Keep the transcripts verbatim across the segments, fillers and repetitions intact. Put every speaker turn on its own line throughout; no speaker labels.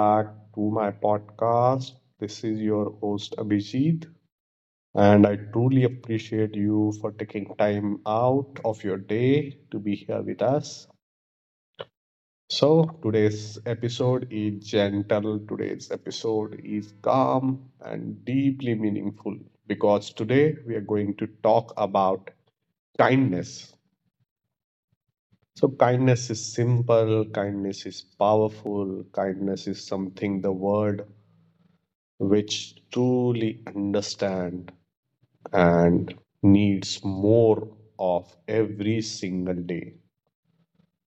back to my podcast. This is your host, Abhijit, and I truly appreciate you for taking time out of your day to be here with us. So, today's episode is gentle, today's episode is calm and deeply meaningful, because today we are going to talk about kindness. So, kindness is simple, kindness is powerful, kindness is something the world which truly understand and needs more of every single day.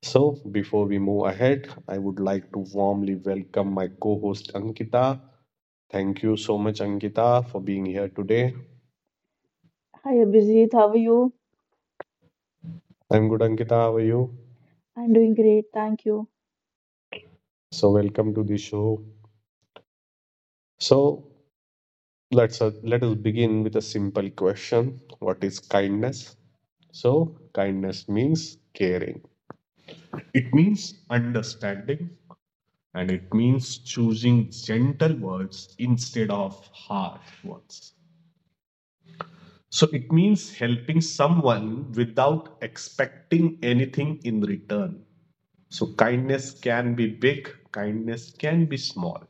So, before we move ahead, I would like to warmly welcome my co host Ankita. Thank you so much, Ankita, for being here today.
Hi Abhijit, how are you?
I'm good, Ankita. How are you?
I'm doing great, thank you.
So, welcome to the show. So, Let's uh, let us begin with a simple question. What is kindness? So, kindness means caring. It means understanding, and it means choosing gentle words instead of harsh ones. So, it means helping someone without expecting anything in return. So, kindness can be big, kindness can be small.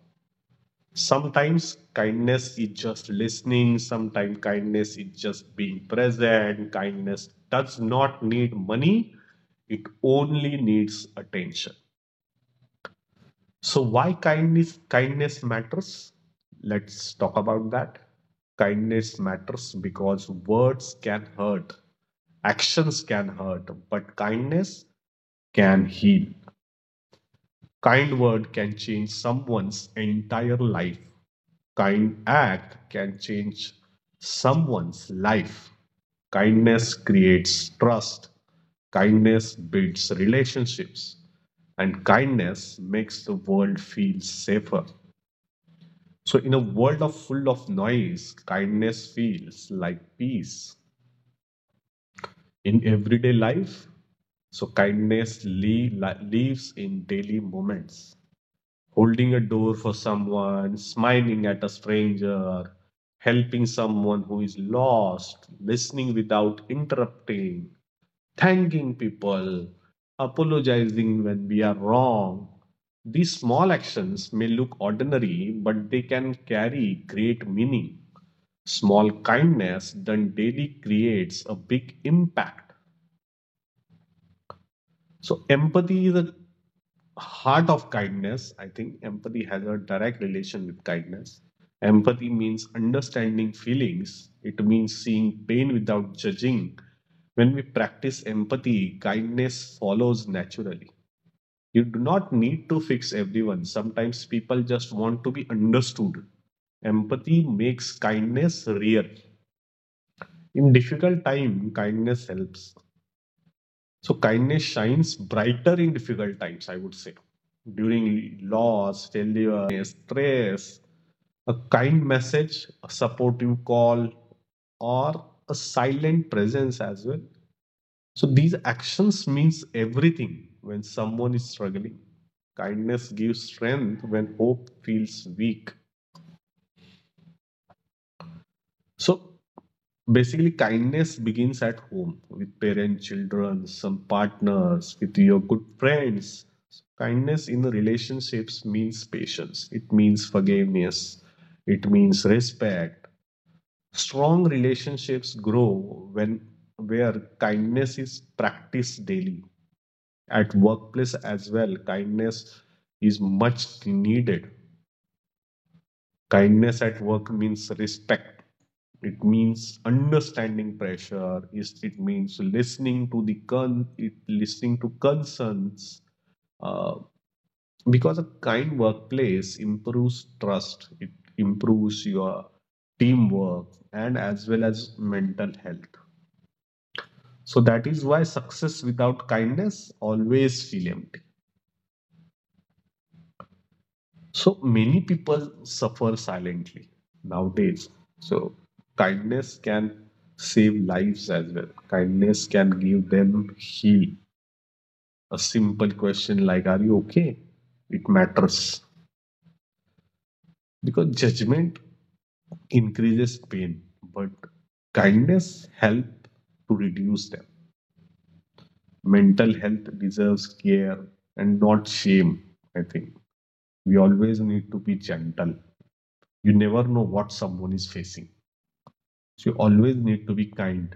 Sometimes kindness is just listening, sometimes kindness is just being present. Kindness does not need money, it only needs attention. So, why kindness? Kindness matters. Let's talk about that. Kindness matters because words can hurt, actions can hurt, but kindness can heal. Kind word can change someone's entire life, kind act can change someone's life. Kindness creates trust, kindness builds relationships, and kindness makes the world feel safer. So, in a world of full of noise, kindness feels like peace in everyday life. So, kindness lea- lives in daily moments. Holding a door for someone, smiling at a stranger, helping someone who is lost, listening without interrupting, thanking people, apologizing when we are wrong. These small actions may look ordinary, but they can carry great meaning. Small kindness done daily creates a big impact. So, empathy is a heart of kindness. I think empathy has a direct relation with kindness. Empathy means understanding feelings, it means seeing pain without judging. When we practice empathy, kindness follows naturally. You do not need to fix everyone. Sometimes people just want to be understood. Empathy makes kindness real. In difficult time, kindness helps. So, kindness shines brighter in difficult times, I would say. During loss, failure, illness, stress, a kind message, a supportive call, or a silent presence as well. So, these actions means everything when someone is struggling. Kindness gives strength when hope feels weak. So, basically, kindness begins at home, with parents, children, some partners, with your good friends. Kindness in the relationships means patience, it means forgiveness, it means respect. Strong relationships grow when where kindness is practiced daily. At workplace as well, kindness is much needed. Kindness at work means respect. It means understanding pressure. Is It means listening to the con, it, listening to concerns. Uh, because a kind workplace improves trust. It improves your teamwork and as well as mental health. So, that is why success without kindness always feel empty. So, many people suffer silently nowadays. So, kindness can save lives as well. Kindness can give them heal. A simple question like "Are you okay?" It matters, because judgment increases pain, but kindness help to reduce them. Mental health deserves care and not shame. I think we always need to be gentle. You never know what someone is facing. So, you always need to be kind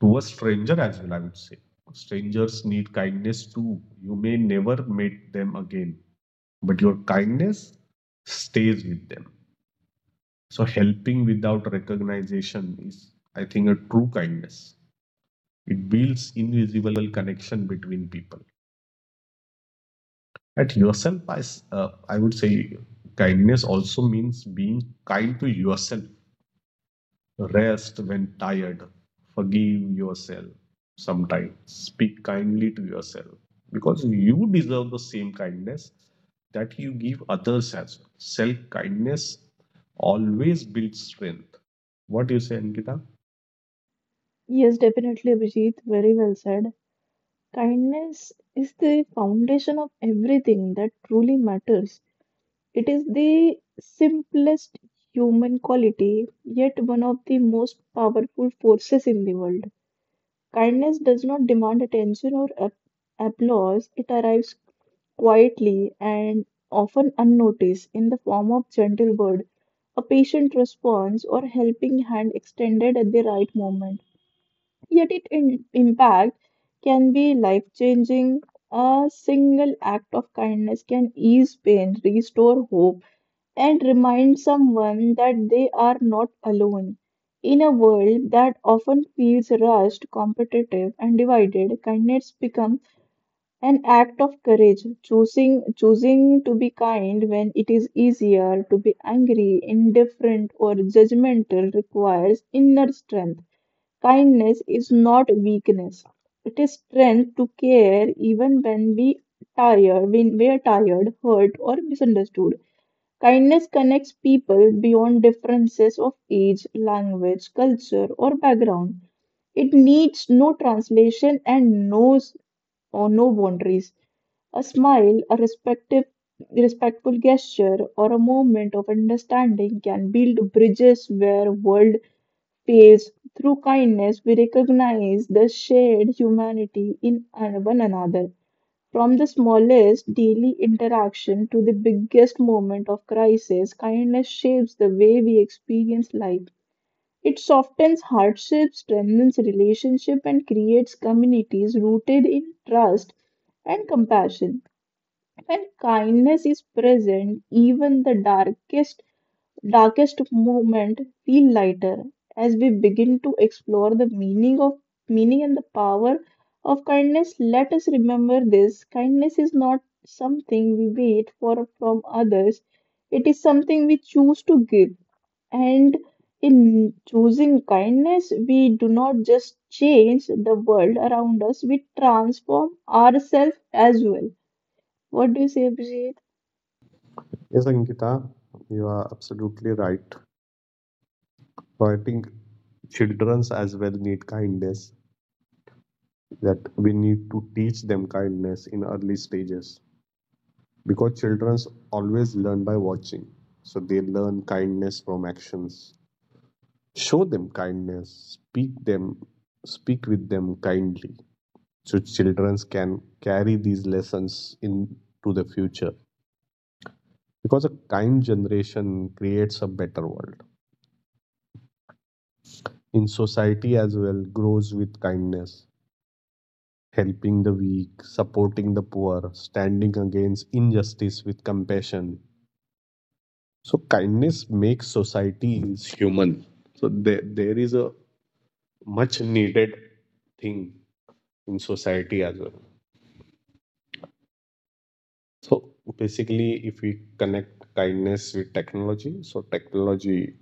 to a stranger as well, I would say. Strangers need kindness too. You may never meet them again, but your kindness stays with them. So, helping without recognition is, I think, a true kindness. It builds invisible connection between people. At yourself, I, s- uh, I would say kindness also means being kind to yourself. Rest when tired. Forgive yourself sometimes. Speak kindly to yourself, because you deserve the same kindness that you give others as well. Self kindness always builds strength. What do you say, Ankita?
Yes, definitely, Abhijit, very well said. Kindness is the foundation of everything that truly matters. It is the simplest human quality, yet one of the most powerful forces in the world. Kindness does not demand attention or ap- applause. It arrives quietly and often unnoticed in the form of gentle words, a patient response, or helping hand extended at the right moment. Yet, its in- impact can be life changing. A single act of kindness can ease pain, restore hope, and remind someone that they are not alone. In a world that often feels rushed, competitive, and divided, kindness becomes an act of courage. Choosing choosing to be kind when it is easier to be angry, indifferent, or judgmental requires inner strength. Kindness is not weakness. It is strength to care even when we tired, when we are tired, hurt, or misunderstood. Kindness connects people beyond differences of age, language, culture, or background. It needs no translation and knows or no boundaries. A smile, a respective, respectful gesture, or a moment of understanding can build bridges where world fails. Through kindness, we recognize the shared humanity in an- one another. From the smallest daily interaction to the biggest moment of crisis, kindness shapes the way we experience life. It softens hardship, strengthens relationship, and creates communities rooted in trust and compassion. When kindness is present, even the darkest darkest moment feel lighter as we begin to explore the meaning of meaning and the power of kindness. Let us remember this: kindness is not something we wait for from others. It is something we choose to give. And in choosing kindness, we do not just change the world around us, we transform ourselves as well. What do you say, Abhijit?
Yes, Ankita, you are absolutely right. So, I think childrens as well need kindness, that we need to teach them kindness in early stages, because childrens always learn by watching. So, they learn kindness from actions. Show them kindness, speak them, speak with them kindly, so children can carry these lessons into the future, because a kind generation creates a better world. In society as well grows with kindness, helping the weak, supporting the poor, standing against injustice with compassion. So, kindness makes societies human. So, there, there is a much needed thing in society as well. So, basically, if we connect kindness with technology, so technology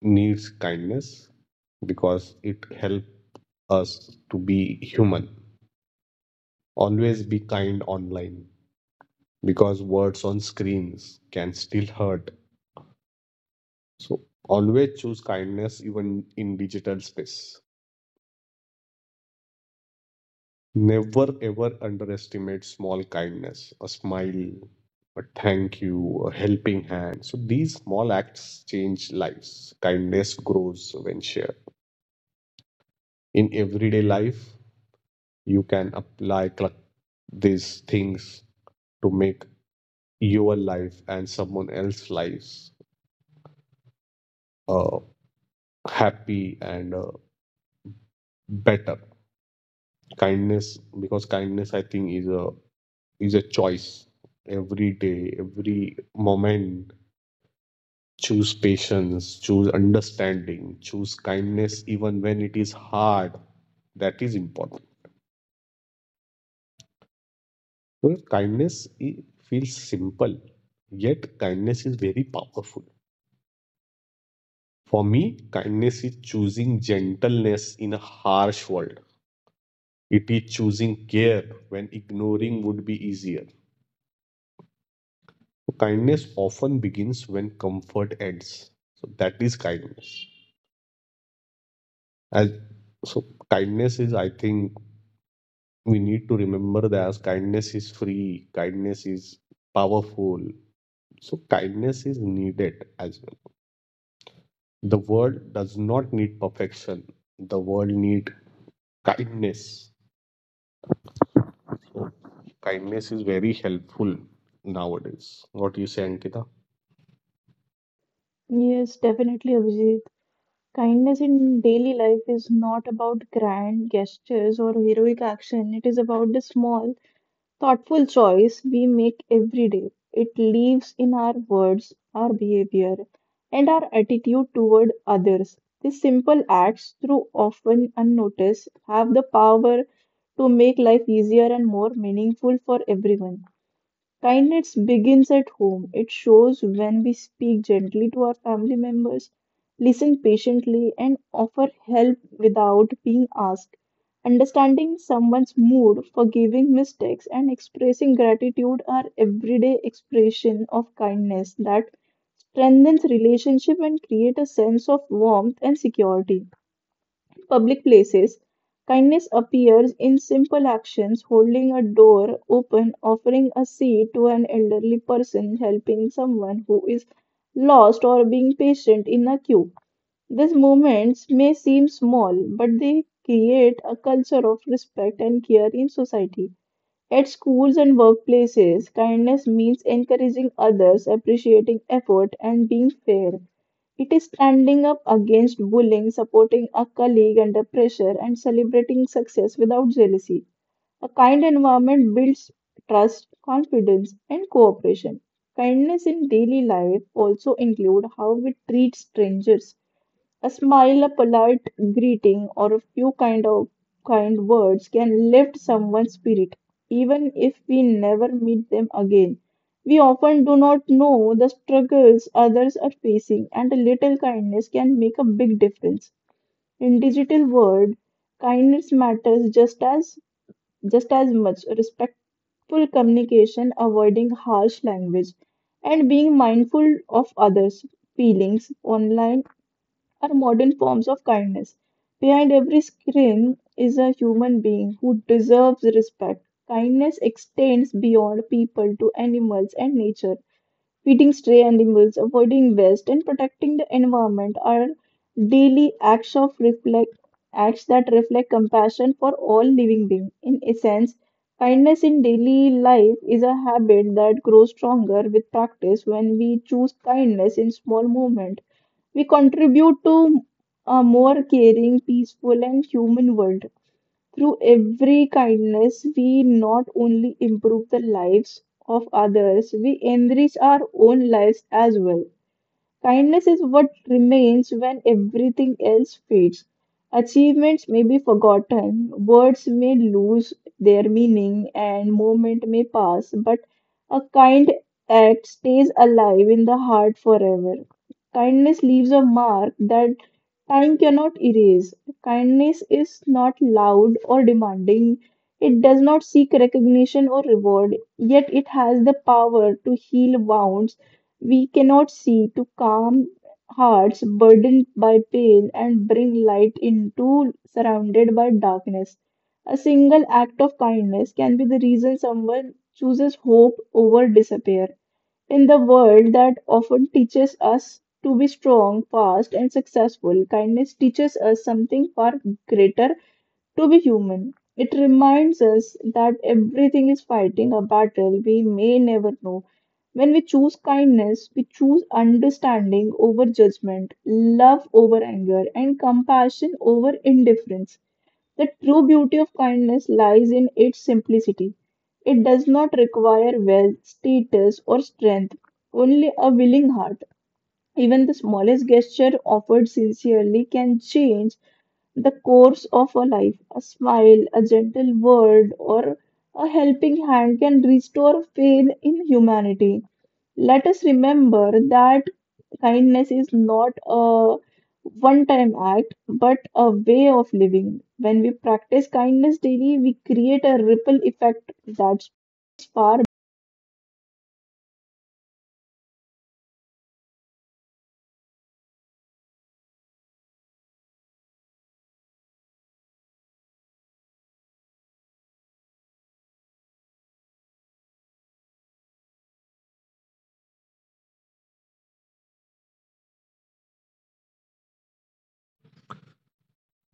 needs kindness because it helps us to be human. Always be kind online, because words on screens can still hurt. So, always choose kindness even in digital space. Never ever underestimate small kindness, a smile, a thank you, a helping hand. So, these small acts change lives. Kindness grows when shared. In everyday life, you can apply cl- these things to make your life and someone else's lives uh, happy and uh, better. Kindness, because kindness, I think, is a is a choice every day, every moment. Choose patience, choose understanding, choose kindness even when it is hard. That is important. Because kindness i- feels simple, yet kindness is very powerful. For me, kindness is choosing gentleness in a harsh world. It is choosing care when ignoring would be easier. So, kindness often begins when comfort ends. So, that is kindness. As so kindness is, I think, we need to remember that kindness is free, kindness is powerful. So, kindness is needed as well. The world does not need perfection, the world needs kindness. So, kindness is very helpful nowadays. What do you say, Ankita?
Yes, definitely, Abhijit. Kindness in daily life is not about grand gestures or heroic action. It is about the small, thoughtful choice we make every day. It lives in our words, our behavior, and our attitude toward others. These simple acts, though often unnoticed, have the power to make life easier and more meaningful for everyone. Kindness begins at home. It shows when we speak gently to our family members, listen patiently, and offer help without being asked. Understanding someone's mood, forgiving mistakes, and expressing gratitude are everyday expression of kindness that strengthens relationship and create a sense of warmth and security. Public places, kindness appears in simple actions: holding a door open, offering a seat to an elderly person, helping someone who is lost, or being patient in a queue. These moments may seem small, but they create a culture of respect and care in society. At schools and workplaces, kindness means encouraging others, appreciating effort, and being fair. It is standing up against bullying, supporting a colleague under pressure, and celebrating success without jealousy. A kind environment builds trust, confidence, and cooperation. Kindness in daily life also include how we treat strangers. A smile, a polite greeting, or a few kind of kind words can lift someone's spirit, even if we never meet them again. We often do not know the struggles others are facing, and a little kindness can make a big difference. In digital world, kindness matters just as just as much. Respectful communication, avoiding harsh language, and being mindful of others' feelings online are modern forms of kindness. Behind every screen is a human being who deserves respect. Kindness extends beyond people to animals and nature. Feeding stray animals, avoiding waste, and protecting the environment are daily acts of reflect acts that reflect compassion for all living beings. In essence, kindness in daily life is a habit that grows stronger with practice. When we choose kindness in small moments, we contribute to a more caring, peaceful, and human world. Through every kindness, we not only improve the lives of others, we enrich our own lives as well. Kindness is what remains when everything else fades. Achievements may be forgotten, words may lose their meaning, and moment may pass, but a kind act stays alive in the heart forever. Kindness leaves a mark that time cannot erase. Kindness is not loud or demanding. It does not seek recognition or reward, yet it has the power to heal wounds we cannot see, to calm hearts burdened by pain, and bring light into surrounded by darkness. A single act of kindness can be the reason someone chooses hope over despair. In the world that often teaches us to be strong, fast, and successful, kindness teaches us something far greater: to be human. It reminds us that everything is fighting a battle we may never know. When we choose kindness, we choose understanding over judgment, love over anger, and compassion over indifference. The true beauty of kindness lies in its simplicity. It does not require wealth, status, or strength, only a willing heart. Even the smallest gesture offered sincerely can change the course of a life. A smile, a gentle word, or a helping hand can restore faith in humanity. Let us remember that kindness is not a one time act but a way of living. When we practice kindness daily, we create a ripple effect that's far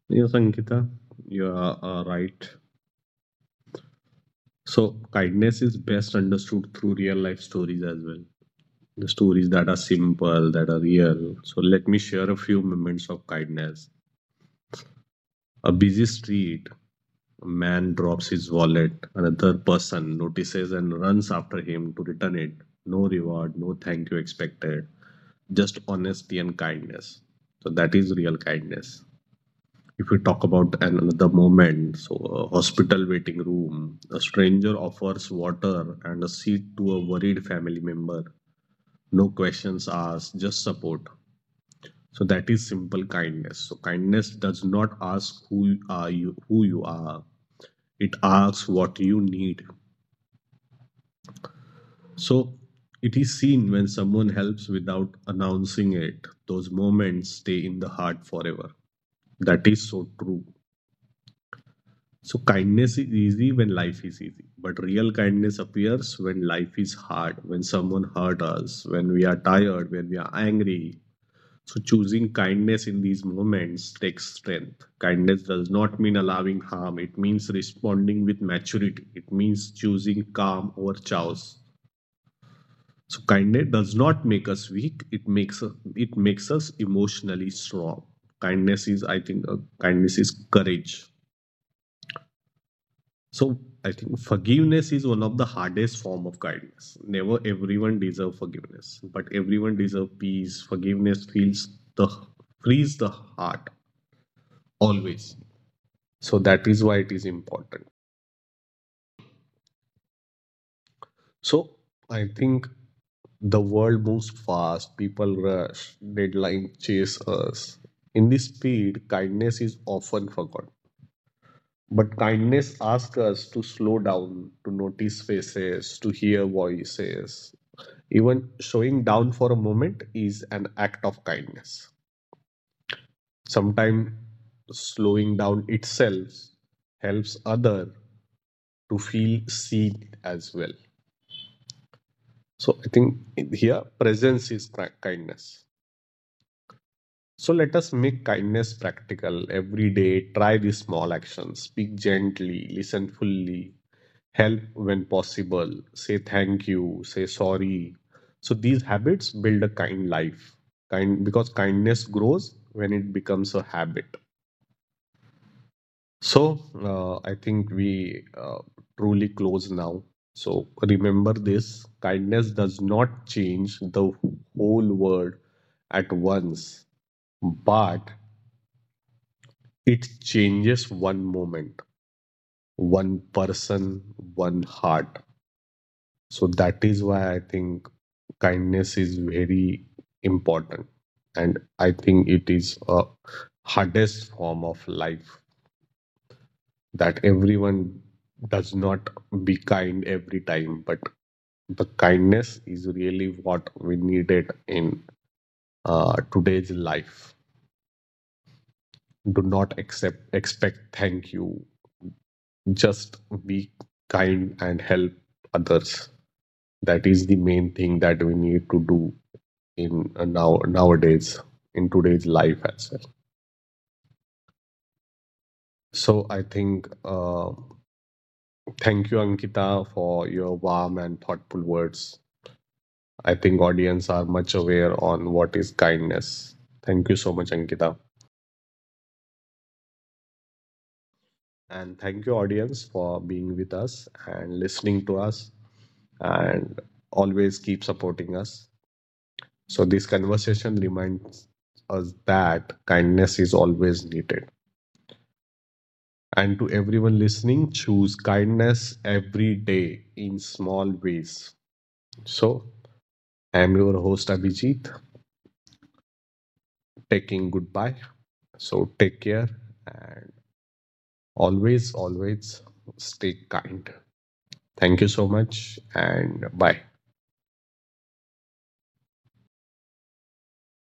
Yes, Ankita, you are uh, right. So, kindness is best understood through real life stories as well. The stories that are simple, that are real. So, let me share a few moments of kindness. A busy street, a man drops his wallet. Another person notices and runs after him to return it. No reward, no thank you expected, just honesty and kindness. So, that is real kindness. If we talk about an- another moment, so a hospital waiting room, a stranger offers water and a seat to a worried family member. No questions asked, just support. So, that is simple kindness. So, kindness does not ask who you are you who you are It asks what you need. So, it is seen when someone helps without announcing it. Those moments stay in the heart forever. That is so true. So, kindness is easy when life is easy, but real kindness appears when life is hard, when someone hurt us, when we are tired, when we are angry. So, choosing kindness in these moments takes strength. Kindness does not mean allowing harm. It means responding with maturity. It means choosing calm over chaos. So, kindness does not make us weak. It makes us, it makes us emotionally strong. Kindness is, I think, uh, kindness is courage. So, I think forgiveness is one of the hardest form of kindness. Never everyone deserve forgiveness, but everyone deserve peace. Forgiveness feels the frees the heart always. So, that is why it is important. So, I think the world moves fast, people rush, deadlines chase us. In this speed, kindness is often forgotten, but kindness asks us to slow down, to notice faces, to hear voices. Even showing down for a moment is an act of kindness. Sometimes slowing down itself helps other to feel seen as well. So, I think here presence is ki- kindness. So, let us make kindness practical every day. Try these small actions. Speak gently, listen fully, help when possible, say thank you, say sorry. So, these habits build a kind life. Kind because kindness grows when it becomes a habit. So, uh, I think we uh, truly close now. So, remember this, kindness does not change the whole world at once, but it changes one moment, one person, one heart. So, that is why I think kindness is very important. And I think it is a hardest form of life that everyone does not be kind every time, but the kindness is really what we needed in uh, today's life. Do not accept expect thank you, just be kind and help others. That is the main thing that we need to do in uh, now nowadays in today's life as well. So, I think uh, thank you, Ankita, for your warm and thoughtful words. I think audience are much aware on what is kindness. Thank you so much, Ankita, and thank you audience for being with us and listening to us and always keep supporting us. So, this conversation reminds us that kindness is always needed. And to everyone listening, choose kindness every day in small ways. So, I am your host Abhijit, taking goodbye. So, take care and always, always stay kind. Thank you so much and bye.